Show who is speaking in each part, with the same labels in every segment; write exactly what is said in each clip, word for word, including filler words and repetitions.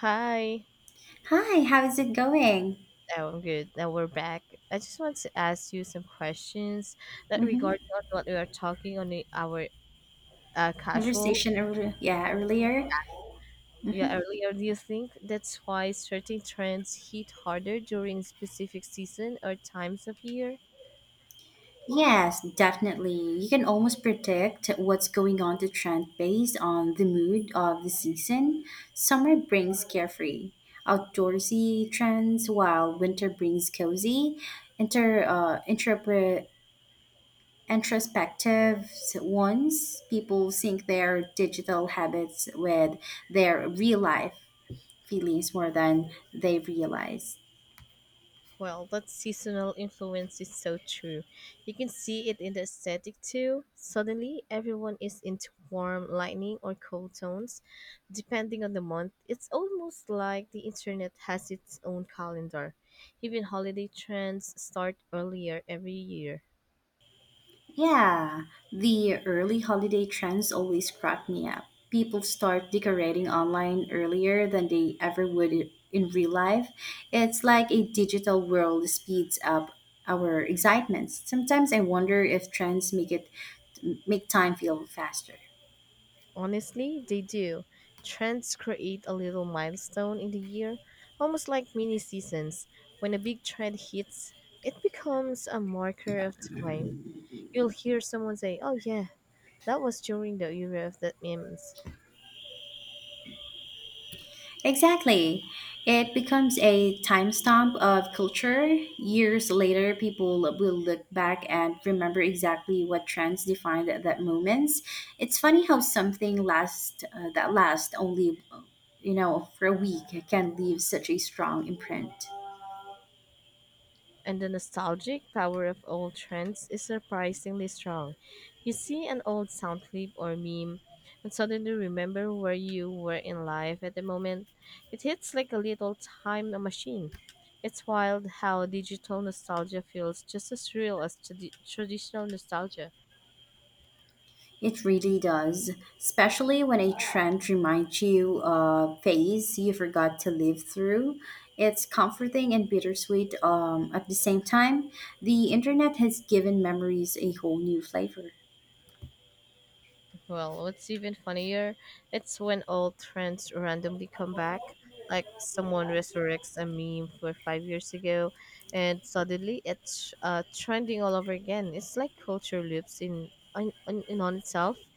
Speaker 1: Hi.
Speaker 2: Hi, how's it going?
Speaker 1: Oh, I'm good. Now we're back. I just want to ask you some questions that
Speaker 2: Mm-hmm.
Speaker 1: regarding on what we are talking on the, our uh, casual
Speaker 2: Conversation, ear- yeah, earlier.
Speaker 1: yeah
Speaker 2: Mm-hmm.
Speaker 1: earlier. Do you think that's why certain trends hit harder during specific season or times of year?
Speaker 2: Yes, definitely. You can almost predict what's going on to trend based on the mood of the season. Summer brings carefree, outdoorsy trends, while winter brings cozy, inter uh, interpret introspective ones. People sync their digital habits with their real life feelings more than they realize.
Speaker 1: Well, that seasonal influence is so true. You can see it in the aesthetic too. Suddenly, everyone is into warm lightning or cold tones, depending on the month. It's almost like the internet has its own calendar. Even holiday trends start earlier every year.
Speaker 2: Yeah, the early holiday trends always crack me up. People start decorating online earlier than they ever would i- in real life. It's like a digital world speeds up our excitements. Sometimes I wonder if trends make it make time feel faster.
Speaker 1: Honestly, they do. Trends create a little milestone in the year, almost like mini seasons. When a big trend hits, it becomes a marker of time. You'll hear someone say, "Oh yeah, that was during the era of the memes."
Speaker 2: Exactly. It becomes a timestamp of culture. Years later, people will look back and remember exactly what trends defined at that moment. It's funny how something lasts uh, that lasts only, you know, for a week can leave such a strong imprint.
Speaker 1: And the nostalgic power of old trends is surprisingly strong. You see an old sound clip or meme and suddenly remember where you were in life at the moment. It hits like a little time machine. It's wild how digital nostalgia feels just as real as tradi- traditional nostalgia.
Speaker 2: It really does, especially when a trend reminds you of a phase you forgot to live through. It's comforting and bittersweet um, at the same time. The internet has given memories a whole new flavor.
Speaker 1: Well, what's even funnier, it's when old trends randomly come back. Like someone resurrects a meme for five years ago, and suddenly it's uh, trending all over again. It's like culture loops in in, in, in on itself,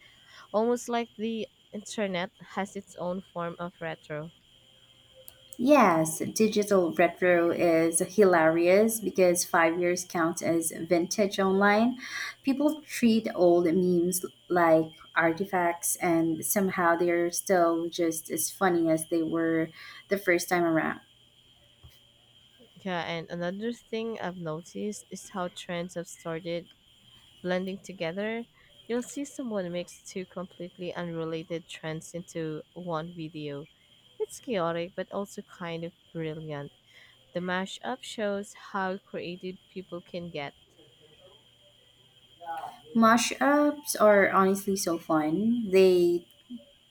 Speaker 1: almost like the internet has its own form of retro.
Speaker 2: Yes, digital retro is hilarious because five years counts as vintage online. People treat old memes like artifacts, and somehow they're still just as funny as they were the first time around.
Speaker 1: Yeah, and another thing I've noticed is how trends have started blending together, you'll see someone mix two completely unrelated trends into one video. It's chaotic but also kind of brilliant. The mashup shows how creative people can get.
Speaker 2: Mashups are honestly so fun. They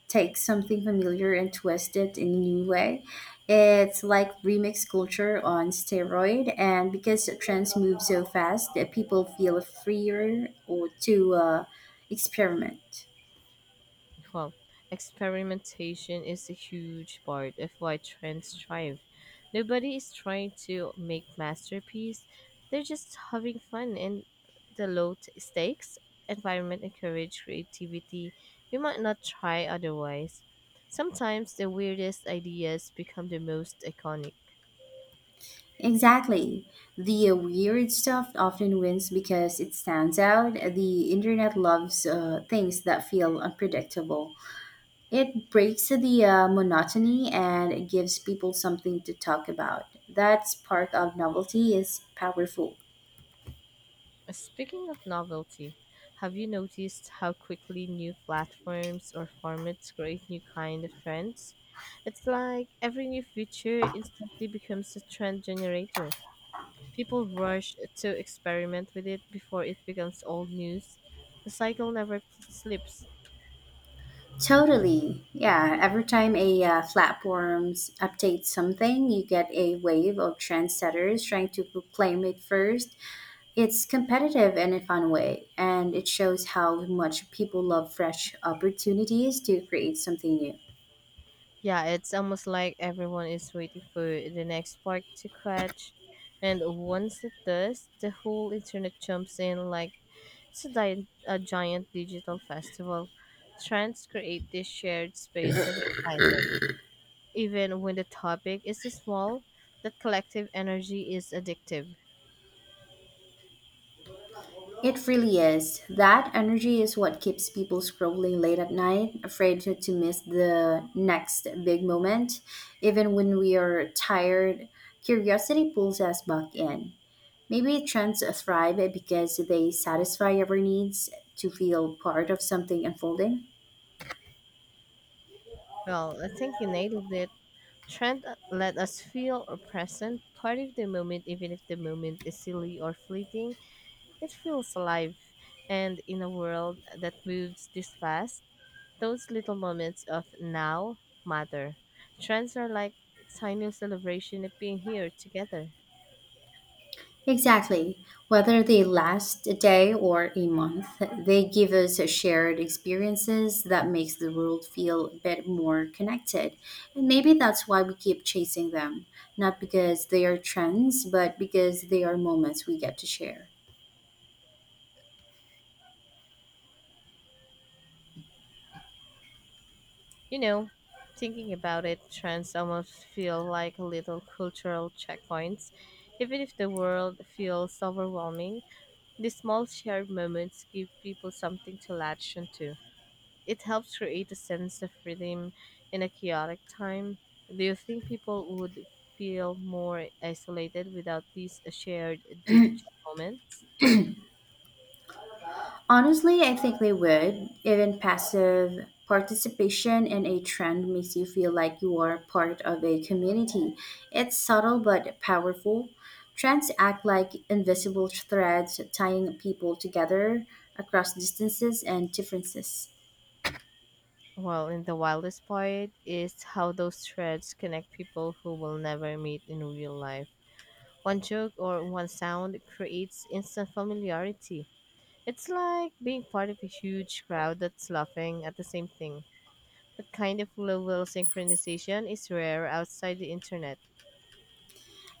Speaker 2: take something familiar and twist it in a new way. It's like remix culture on steroid, and because trends move so fast, that people feel freer or to uh, experiment.
Speaker 1: Well, experimentation is a huge part of why trends thrive. Nobody is trying to make masterpiece. They're just having fun. And the low t- stakes environment encourage creativity. We might not try otherwise. Sometimes the weirdest ideas become the most iconic.
Speaker 2: Exactly. The uh, weird stuff often wins because it stands out. The internet loves uh, things that feel unpredictable. It breaks the uh, monotony and it gives people something to talk about. That spark of novelty is powerful.
Speaker 1: Speaking of novelty, have you noticed how quickly new platforms or formats create new kind of trends? It's like every new feature instantly becomes a trend generator. People rush to experiment with it before it becomes old news. The cycle never slips.
Speaker 2: Totally. Yeah. Every time a uh, platform updates something, you get a wave of trendsetters trying to proclaim it first. It's competitive in a fun way, and it shows how much people love fresh opportunities to create something new.
Speaker 1: Yeah, it's almost like everyone is waiting for the next spark to catch. And once it does, the whole internet jumps in like it's a, di- a giant digital festival. Trends create this shared space of excitement. Even when the topic is small, that collective energy is addictive.
Speaker 2: It really is. That energy is what keeps people scrolling late at night, afraid to, to miss the next big moment. Even when we are tired, curiosity pulls us back in. Maybe trends thrive because they satisfy our needs to feel part of something unfolding.
Speaker 1: Well, I think you nailed it. Trend uh, let us feel or present, part of the moment, even if the moment is silly or fleeting, it feels alive. And in a world that moves this fast, those little moments of now matter. Trends are like tiny celebration of being here together.
Speaker 2: Exactly. Whether they last a day or a month, they give us shared experiences that makes the world feel a bit more connected. And maybe that's why we keep chasing them, not because they are trends, but because they are moments we get to share.
Speaker 1: You know, thinking about it, trends almost feel like little cultural checkpoints. Even if the world feels overwhelming, these small shared moments give people something to latch onto. It helps create a sense of freedom in a chaotic time. Do you think people would feel more isolated without these shared digital moments?
Speaker 2: Honestly, I think they would. Even passive participation in a trend makes you feel like you are part of a community. It's subtle but powerful. Trends act like invisible threads tying people together across distances and differences.
Speaker 1: Well, and the wildest part is how those threads connect people who will never meet in real life. One joke or one sound creates instant familiarity. It's like being part of a huge crowd that's laughing at the same thing. That kind of level synchronization is rare outside the internet.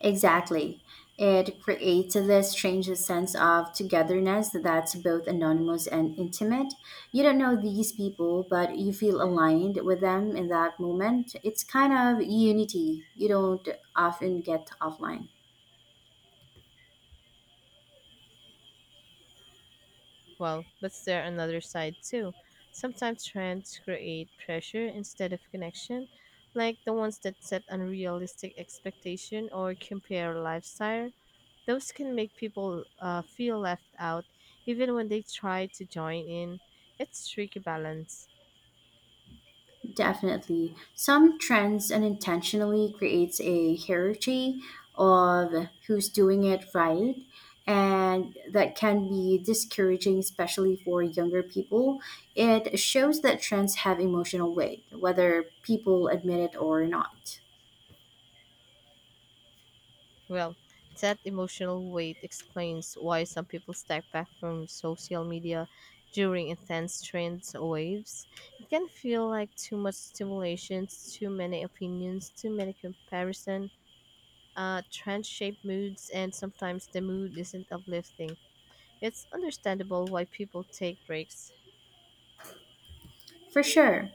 Speaker 2: Exactly. It creates this strange sense of togetherness that's both anonymous and intimate. You don't know these people, but you feel aligned with them in that moment. It's kind of unity you don't often get offline.
Speaker 1: Well, but there another side too. Sometimes trends create pressure instead of connection, like the ones that set unrealistic expectation or compare lifestyle. Those can make people uh, feel left out even when they try to join in. It's tricky balance.
Speaker 2: Definitely. Some trends unintentionally creates a hierarchy of who's doing it right, and that can be discouraging especially for younger people. It shows that trends have emotional weight whether people admit it or not.
Speaker 1: Well, that emotional weight explains why some people step back from social media during intense trends waves. It can feel like too much stimulation, too many opinions, too many comparison, uh, trend-shaped moods, and sometimes the mood isn't uplifting. It's understandable why people take breaks.
Speaker 2: For sure.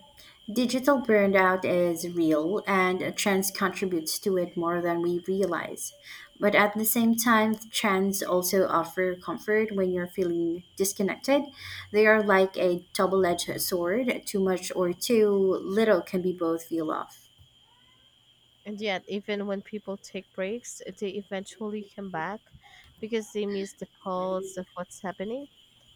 Speaker 2: Digital burnout is real and trends contributes to it more than we realize. But at the same time, trends also offer comfort when you're feeling disconnected. They are like a double-edged sword. Too much or too little can be both feel off.
Speaker 1: And yet, even when people take breaks, they eventually come back because they miss the pulse of what's happening.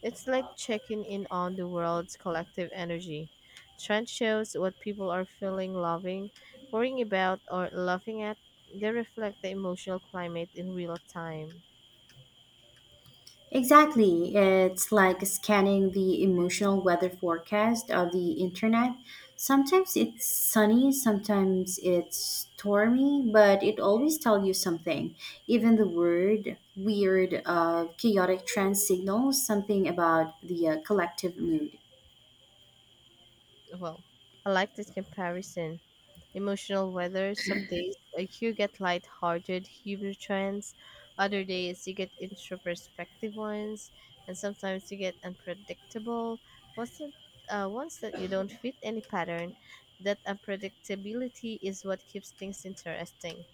Speaker 1: It's like checking in on the world's collective energy. Trend shows what people are feeling, loving, worrying about, or laughing at. They reflect the emotional climate in real time.
Speaker 2: Exactly. It's like scanning the emotional weather forecast of the internet. Sometimes it's sunny, sometimes it's stormy, but it always tells you something. Even the word weird, uh, chaotic trend signals something about the uh, collective mood.
Speaker 1: Well, I like this comparison. Emotional weather. Some days uh, you get light-hearted humor trends, other days you get introspective ones, and sometimes you get unpredictable ones that, uh, ones that you don't fit any pattern. That unpredictability is what keeps things interesting.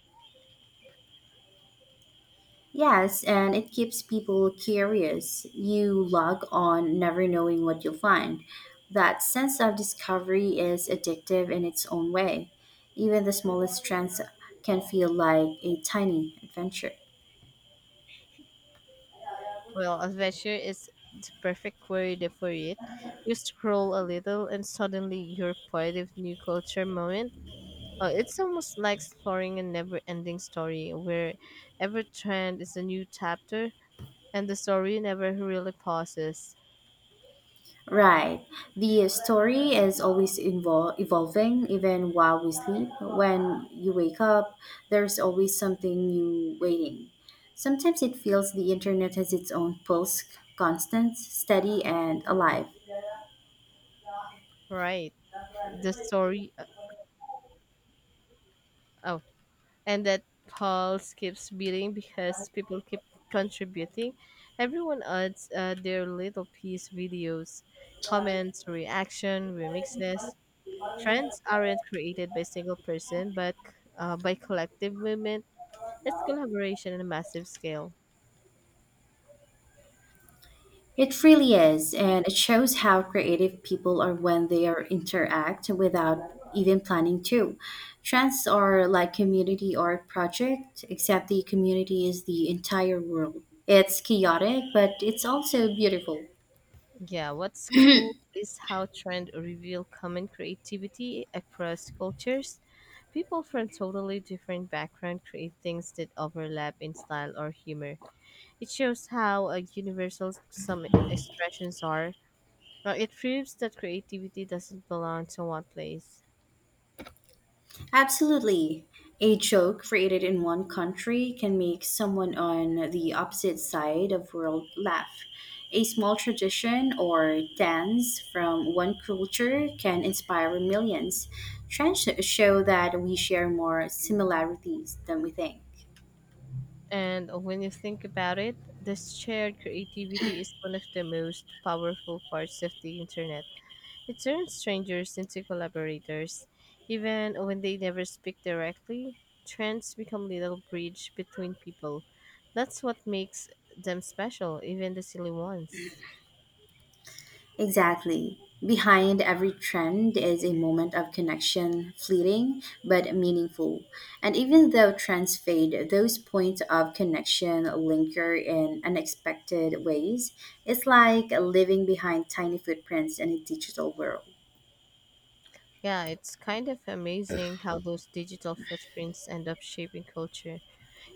Speaker 2: Yes, and it keeps people curious. You log on never knowing what you'll find. That sense of discovery is addictive in its own way. Even the smallest trends can feel like a tiny adventure.
Speaker 1: Well, adventure is the perfect word for it. You scroll a little, and suddenly you're part of new culture moment. Uh, it's almost like exploring a never ending story where every trend is a new chapter and the story never really pauses.
Speaker 2: Right. The story is always invol- evolving, even while we sleep. When you wake up, there's always something new waiting. Sometimes it feels the internet has its own pulse, constant, steady, and alive.
Speaker 1: Right. The story, uh, oh, and that pulse keeps beating because people keep contributing. Everyone adds uh, their little piece videos, comments, reaction, remixes. Trends aren't created by single person but uh, by collective movement. It's collaboration on a massive scale.
Speaker 2: It really is, and it shows how creative people are when they are interact without even planning to. Trends are like community art project, except the community is the entire world. It's chaotic, but it's also beautiful.
Speaker 1: Yeah, what's cool is how trend reveal common creativity across cultures. People from totally different background create things that overlap in style or humor. It shows how uh, universal some expressions are. Now, it proves that creativity doesn't belong to one place.
Speaker 2: Absolutely. A joke created in one country can make someone on the opposite side of world laugh. A small tradition or dance from one culture can inspire millions. Trends show that we share more similarities than we think.
Speaker 1: And when you think about it, this shared creativity is one of the most powerful parts of the internet. It turns strangers into collaborators. Even when they never speak directly, trends become little bridge between people. That's what makes them special, even the silly ones.
Speaker 2: Exactly. Behind every trend is a moment of connection, fleeting but meaningful. And even though trends fade, those points of connection linger in unexpected ways. It's like living behind tiny footprints in a digital world.
Speaker 1: Yeah, it's kind of amazing how those digital footprints end up shaping culture.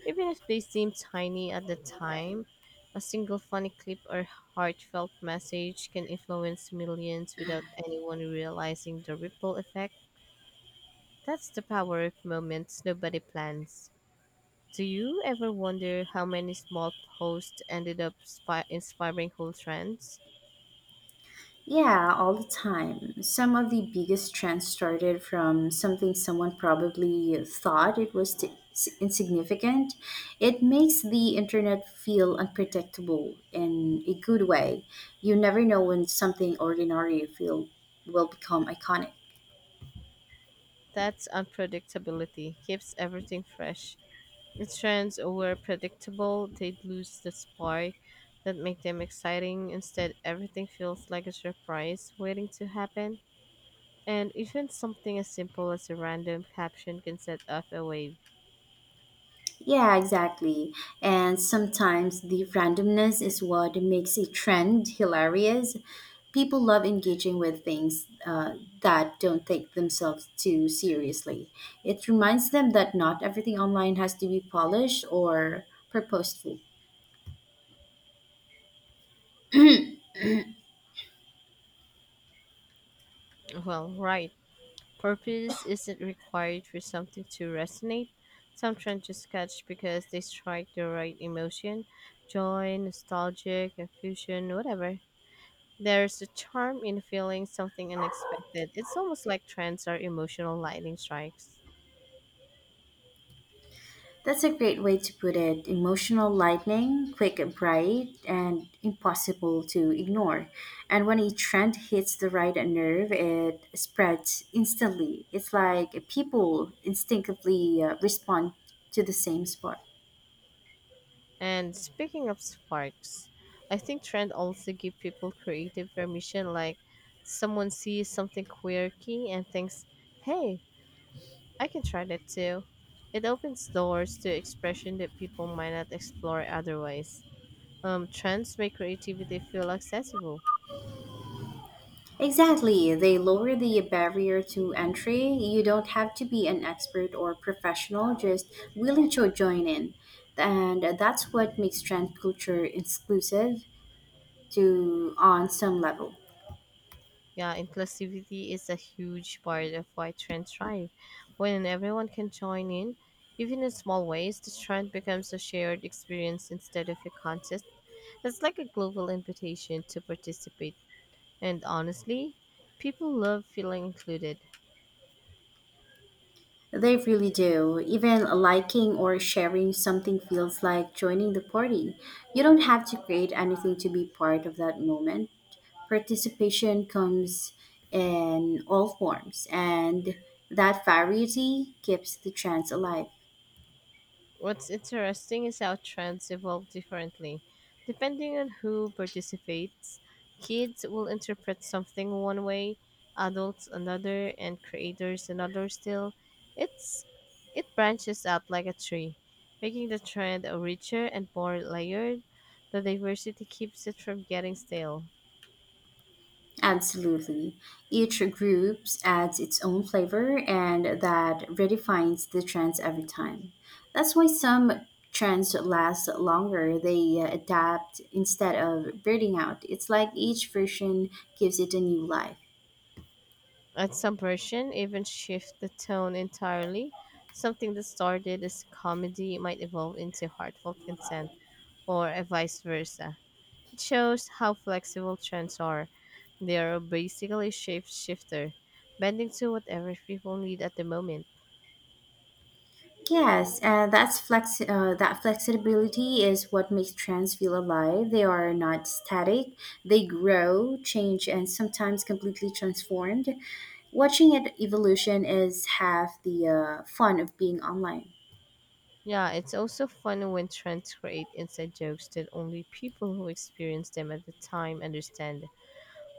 Speaker 1: Even if they seem tiny at the time, a single funny clip or heartfelt message can influence millions without anyone realizing the ripple effect. That's the power of moments nobody plans. Do you ever wonder how many small posts ended up spi- inspiring whole trends?
Speaker 2: Yeah, all the time. Some of the biggest trends started from something someone probably thought it was t- insignificant. It makes the internet feel unpredictable in a good way. You never know when something ordinary feel will become iconic.
Speaker 1: That's unpredictability keeps everything fresh. If trends were predictable, they'd lose the spark that make them exciting. Instead, everything feels like a surprise waiting to happen. And even something as simple as a random caption can set off a wave.
Speaker 2: Yeah, exactly. And sometimes the randomness is what makes a trend hilarious. People love engaging with things uh, that don't take themselves too seriously. It reminds them that not everything online has to be polished or purposeful.
Speaker 1: Well, right. Purpose isn't required for something to resonate. Some trends just catch because they strike the right emotion, joy, nostalgia, confusion, whatever. There's a charm in feeling something unexpected. It's almost like trends are emotional lightning strikes.
Speaker 2: That's a great way to put it. Emotional lightning, quick and bright, and impossible to ignore. And when a trend hits the right nerve, it spreads instantly. It's like people instinctively uh, respond to the same spot.
Speaker 1: And speaking of sparks, I think trend also give people creative permission, like someone sees something quirky and thinks, hey, I can try that too. It opens doors to expression that people might not explore otherwise. Um, trends make creativity feel accessible.
Speaker 2: Exactly. They lower the barrier to entry. You don't have to be an expert or professional, just willing to join in. And that's what makes trend culture exclusive to on some level.
Speaker 1: Yeah, inclusivity is a huge part of why trends thrive. When everyone can join in, even in small ways, the trend becomes a shared experience instead of a contest. It's like a global invitation to participate. And honestly, people love feeling included.
Speaker 2: They really do. Even liking or sharing something feels like joining the party. You don't have to create anything to be part of that moment. Participation comes in all forms, and that variety keeps the chance alive.
Speaker 1: What's interesting is how trends evolve differently. Depending on who participates, kids will interpret something one way, adults another, and creators another still. It's it branches out like a tree, making the trend richer and more layered. The diversity keeps it from getting stale.
Speaker 2: Absolutely. Each group adds its own flavor, and that redefines the trends every time. That's why some trends last longer, they uh, adapt instead of burning out. It's like each version gives it a new life.
Speaker 1: And some version even shift the tone entirely. Something that started as comedy might evolve into heartfelt consent or uh, vice versa. It shows how flexible trends are. They are basically shape shifter, bending to whatever people need at the moment.
Speaker 2: Yes, and that's flex uh, that flexibility is what makes trends feel alive. They are not static. They grow, change, and sometimes completely transformed. Watching it evolution is half the uh, fun of being online.
Speaker 1: Yeah, it's also fun when trends create inside jokes that only people who experience them at the time understand.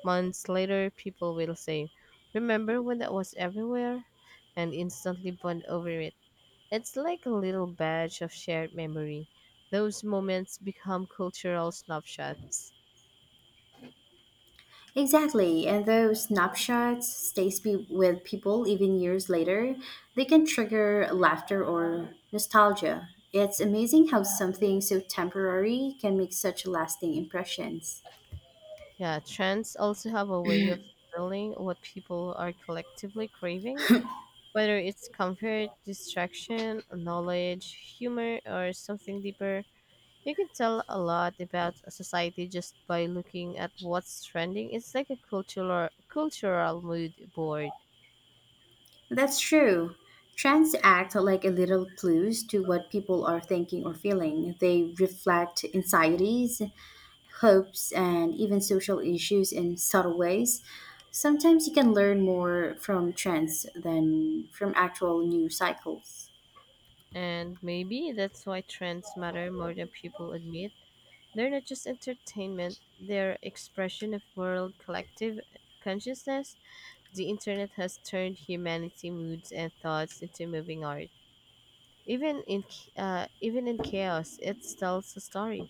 Speaker 1: Months later, people will say, "Remember when that was everywhere?" and instantly bond over it. It's like a little badge of shared memory. Those moments become cultural snapshots.
Speaker 2: Exactly, and those snapshots stay spe- with people even years later. They can trigger laughter or nostalgia. It's amazing how something so temporary can make such lasting impressions.
Speaker 1: Yeah, trends also have a way of filling what people are collectively craving, whether it's comfort, distraction, knowledge, humor, or something deeper. You can tell a lot about a society just by looking at what's trending. It's like a cultural cultural mood board.
Speaker 2: That's true. Trends act like a little clues to what people are thinking or feeling. They reflect anxieties, hopes, and even social issues in subtle ways. Sometimes you can learn more from trends than from actual news cycles.
Speaker 1: And maybe that's why trends matter more than people admit. They're not just entertainment, they're expression of world collective consciousness. The internet has turned humanity moods and thoughts into moving art. Even in ch- uh, even in chaos, it tells a story.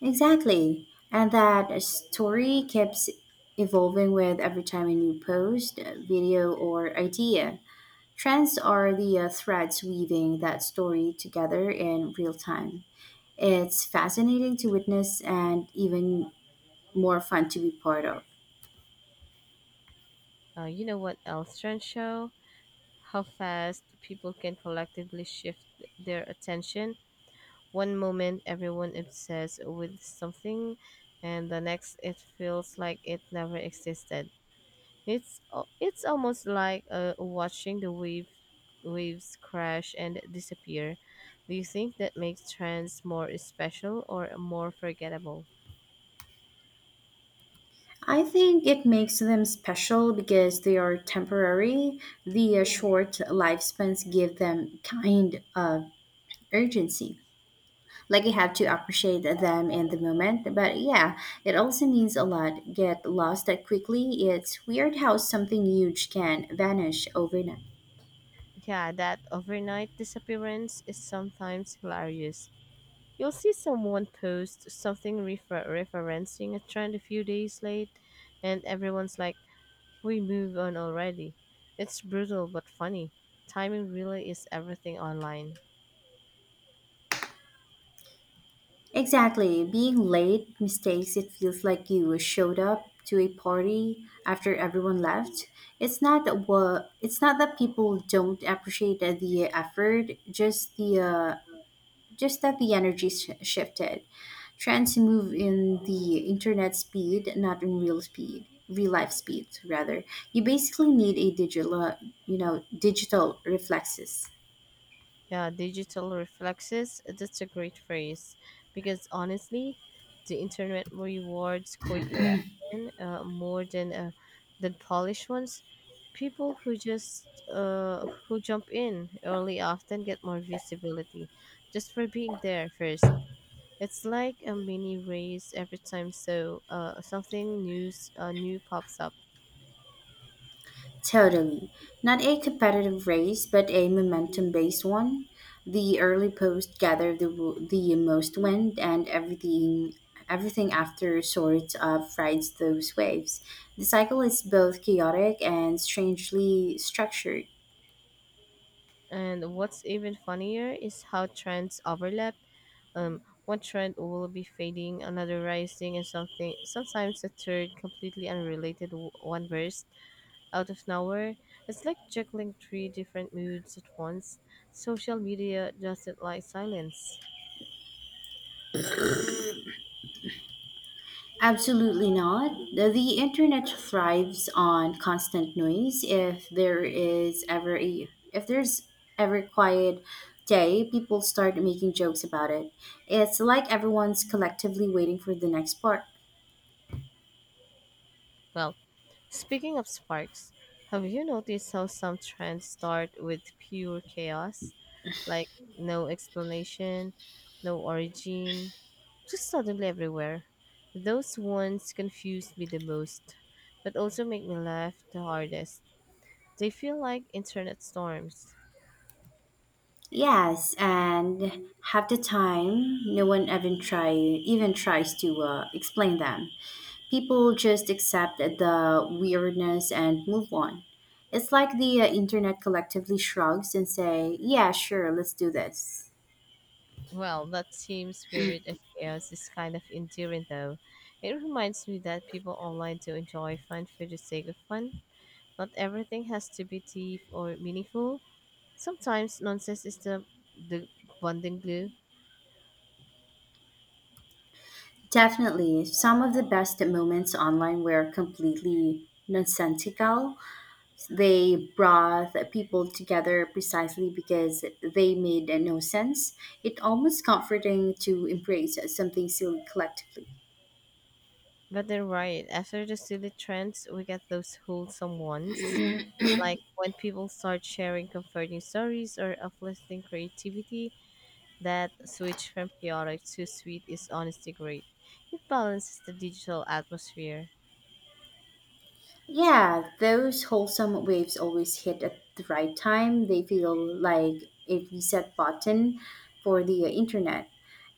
Speaker 2: Exactly. And that story keeps evolving with every time a new post, video, or idea. Trends are the uh, threads weaving that story together in real time. It's fascinating to witness and even more fun to be part of.
Speaker 1: Uh, you know what else trends show? How fast people can collectively shift their attention. One moment, everyone obsessed with something, and the next, it feels like it never existed. It's al- it's almost like uh, watching the wave waves crash and disappear. Do you think that makes trends more special or more forgettable?
Speaker 2: I think it makes them special because they are temporary. The uh, short lifespans give them kind of urgency. Like you have to appreciate them in the moment. But yeah, it also means a lot. Get lost that quickly. It's weird how something huge can vanish overnight.
Speaker 1: Yeah, that overnight disappearance is sometimes hilarious. You'll see someone post something refer- referencing a trend a few days late, and everyone's like, "We move on already." It's brutal but funny. Timing really is everything online.
Speaker 2: Exactly. Being late mistakes it feels like you showed up to a party after everyone left. It's not that what it's not that people don't appreciate the effort, just the uh, just that the energy sh- shifted. Trends move in the internet speed, not in real speed, real life speed rather. You basically need a digital, uh, you know, digital reflexes.
Speaker 1: Yeah, digital reflexes, that's a great phrase. Because honestly, the internet rewards quick reaction, uh, more than uh, than polished ones. People who just uh, who jump in early often get more visibility just for being there first. It's like a mini race every time so uh, something news uh, new pops up.
Speaker 2: Totally. Not a competitive race, but a momentum based one. The early post gather the, w- the most wind, and everything everything after sort of rides those waves. The cycle is both chaotic and strangely structured.
Speaker 1: And what's even funnier is how trends overlap. Um, one trend will be fading, another rising, and something sometimes a third completely unrelated w- one burst out of nowhere. It's like juggling three different moods at once. Social media doesn't like silence.
Speaker 2: Absolutely not. The, the internet thrives on constant noise. If there is ever a If there's ever quiet day, people start making jokes about it. It's like everyone's collectively waiting for the next part.
Speaker 1: Well, speaking of sparks, have you noticed how some trends start with pure chaos, like no explanation, no origin? Just suddenly everywhere. Those ones confuse me the most, but also make me laugh the hardest. They feel like internet storms.
Speaker 2: Yes, and half the time, no one even try even tries to uh, explain them. People just accept the weirdness and move on. It's like the uh, internet collectively shrugs and say, "Yeah, sure, let's do this."
Speaker 1: Well, that team spirit of chaos is kind of endearing though. It reminds me that people online do enjoy fun for the sake of fun. Not everything has to be deep or meaningful. Sometimes nonsense is the the bonding glue.
Speaker 2: Definitely, some of the best moments online were completely nonsensical. They brought people together precisely because they made no sense. It's almost comforting to embrace something silly collectively.
Speaker 1: But they're right, after the silly trends we get those wholesome ones. Like when people start sharing comforting stories or uplifting creativity, that switch from chaotic to sweet is honestly great. It balances the digital atmosphere.
Speaker 2: Yeah, those wholesome waves always hit at the right time. They feel like a reset button for the internet,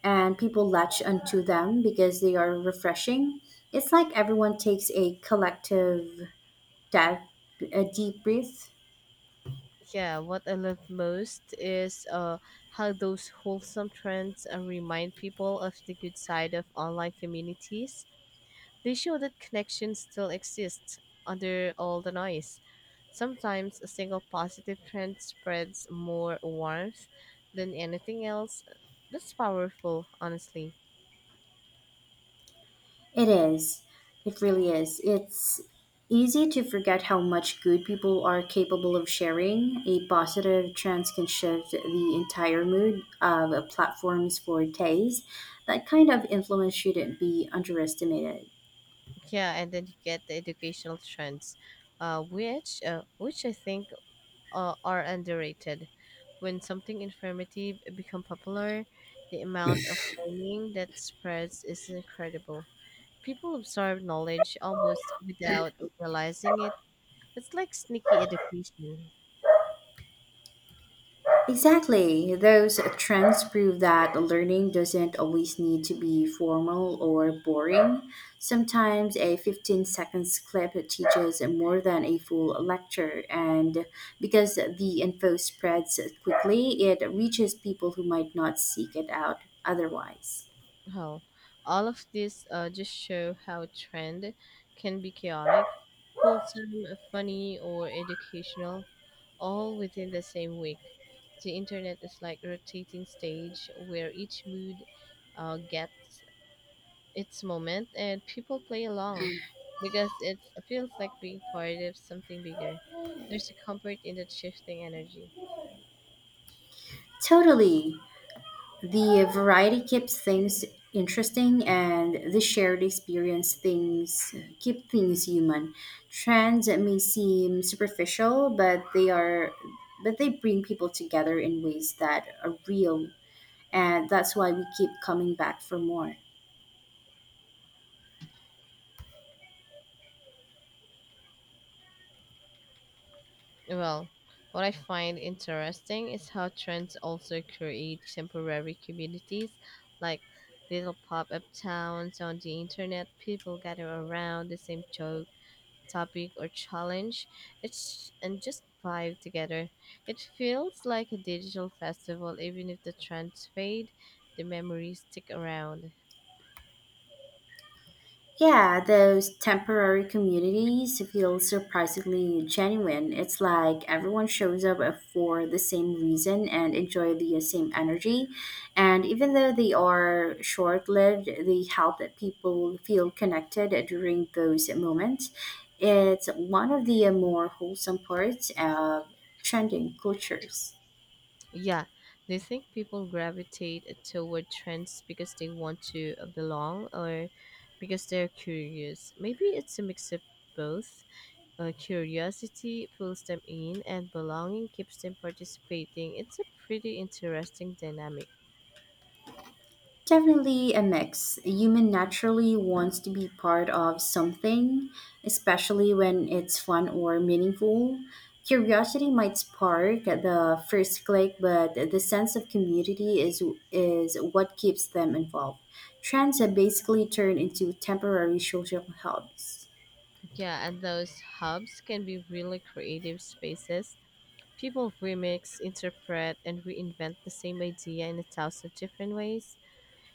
Speaker 2: and people latch onto them because they are refreshing. It's like everyone takes a collective dive, a deep breath.
Speaker 1: Yeah, what I love most is uh, how those wholesome trends uh, remind people of the good side of online communities. They show that connection still exists under all the noise. Sometimes a single positive trend spreads more warmth than anything else. That's powerful, honestly.
Speaker 2: It is. It really is. It's easy to forget how much good people are capable of sharing. A positive trend can shift the entire mood of platforms for days. That kind of influence shouldn't be underestimated.
Speaker 1: Yeah, and then you get the educational trends, uh, which uh, which I think uh, are underrated. When something informative become popular, the amount of learning that spreads is incredible. People absorb knowledge almost without realizing it. It's like sneaky education.
Speaker 2: Exactly. Those trends prove that learning doesn't always need to be formal or boring. Sometimes a fifteen seconds clip teaches more than a full lecture, and because the info spreads quickly, it reaches people who might not seek it out otherwise.
Speaker 1: Hell, all of this uh, just show how trend can be chaotic, wholesome, funny, or educational, all within the same week. The internet is like a rotating stage where each mood uh, gets its moment and people play along because it's, it feels like being part of something bigger. There's a comfort in that shifting energy.
Speaker 2: Totally. The variety keeps things interesting and the shared experience things keep things human. Trends may seem superficial, but they are but they bring people together in ways that are real, and that's why we keep coming back for more.
Speaker 1: Well, what I find interesting is how trends also create temporary communities, like little pop up towns on the internet. People gather around the same joke, topic, or challenge. It's and just vibe together. It feels like a digital festival, even if the trends fade, the memories stick around.
Speaker 2: Yeah, those temporary communities feel surprisingly genuine. It's like everyone shows up for the same reason and enjoy the same energy. And even though they are short lived, they help that people feel connected during those moments. It's one of the more wholesome parts of trending cultures.
Speaker 1: Yeah, they think people gravitate toward trends because they want to uh, belong or because they're curious. Maybe it's a mix of both. Uh, curiosity pulls them in, and belonging keeps them participating. It's a pretty interesting dynamic.
Speaker 2: Definitely a mix. A human naturally wants to be part of something, especially when it's fun or meaningful. Curiosity might spark the first click, but the sense of community is is what keeps them involved. Trends have basically turned into temporary social hubs.
Speaker 1: Yeah, and those hubs can be really creative spaces. People remix, interpret, and reinvent the same idea in a thousand different ways.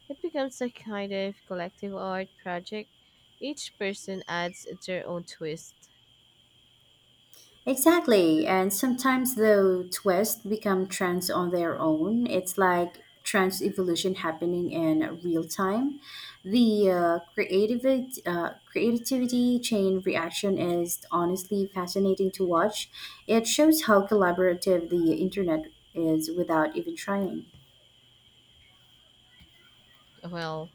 Speaker 1: It becomes a kind of collective art project. Each person adds their own twist.
Speaker 2: Exactly, and sometimes the twists become trends on their own. It's like trans evolution happening in real time. The uh, creative uh, creativity chain reaction is honestly fascinating to watch. It shows how collaborative the internet is without even trying.
Speaker 1: Well,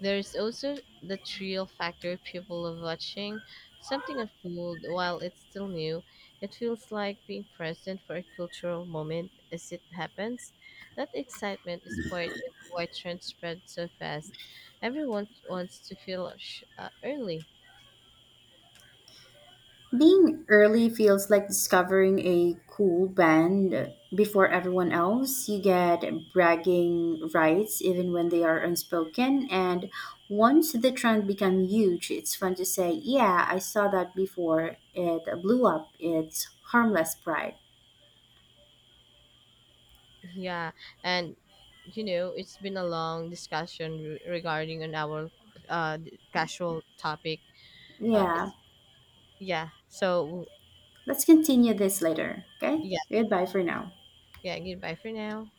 Speaker 1: there's also the thrill factor people love watching. Something unfold while it's still new. It feels like being present for a cultural moment as it happens. That excitement is part of why trends spread so fast. Everyone wants to feel sh- uh, early.
Speaker 2: Being early feels like discovering a cool band before everyone else. You get bragging rights even when they are unspoken. And once the trend becomes huge, it's fun to say, Yeah, I saw that before. It blew up. It's harmless pride.
Speaker 1: Yeah, and you know, it's been a long discussion re- regarding on our uh casual topic. Uh,
Speaker 2: Yeah,
Speaker 1: it's yeah. So
Speaker 2: let's continue this later. Okay?
Speaker 1: yeah,
Speaker 2: Goodbye for now.
Speaker 1: yeah. Goodbye for now.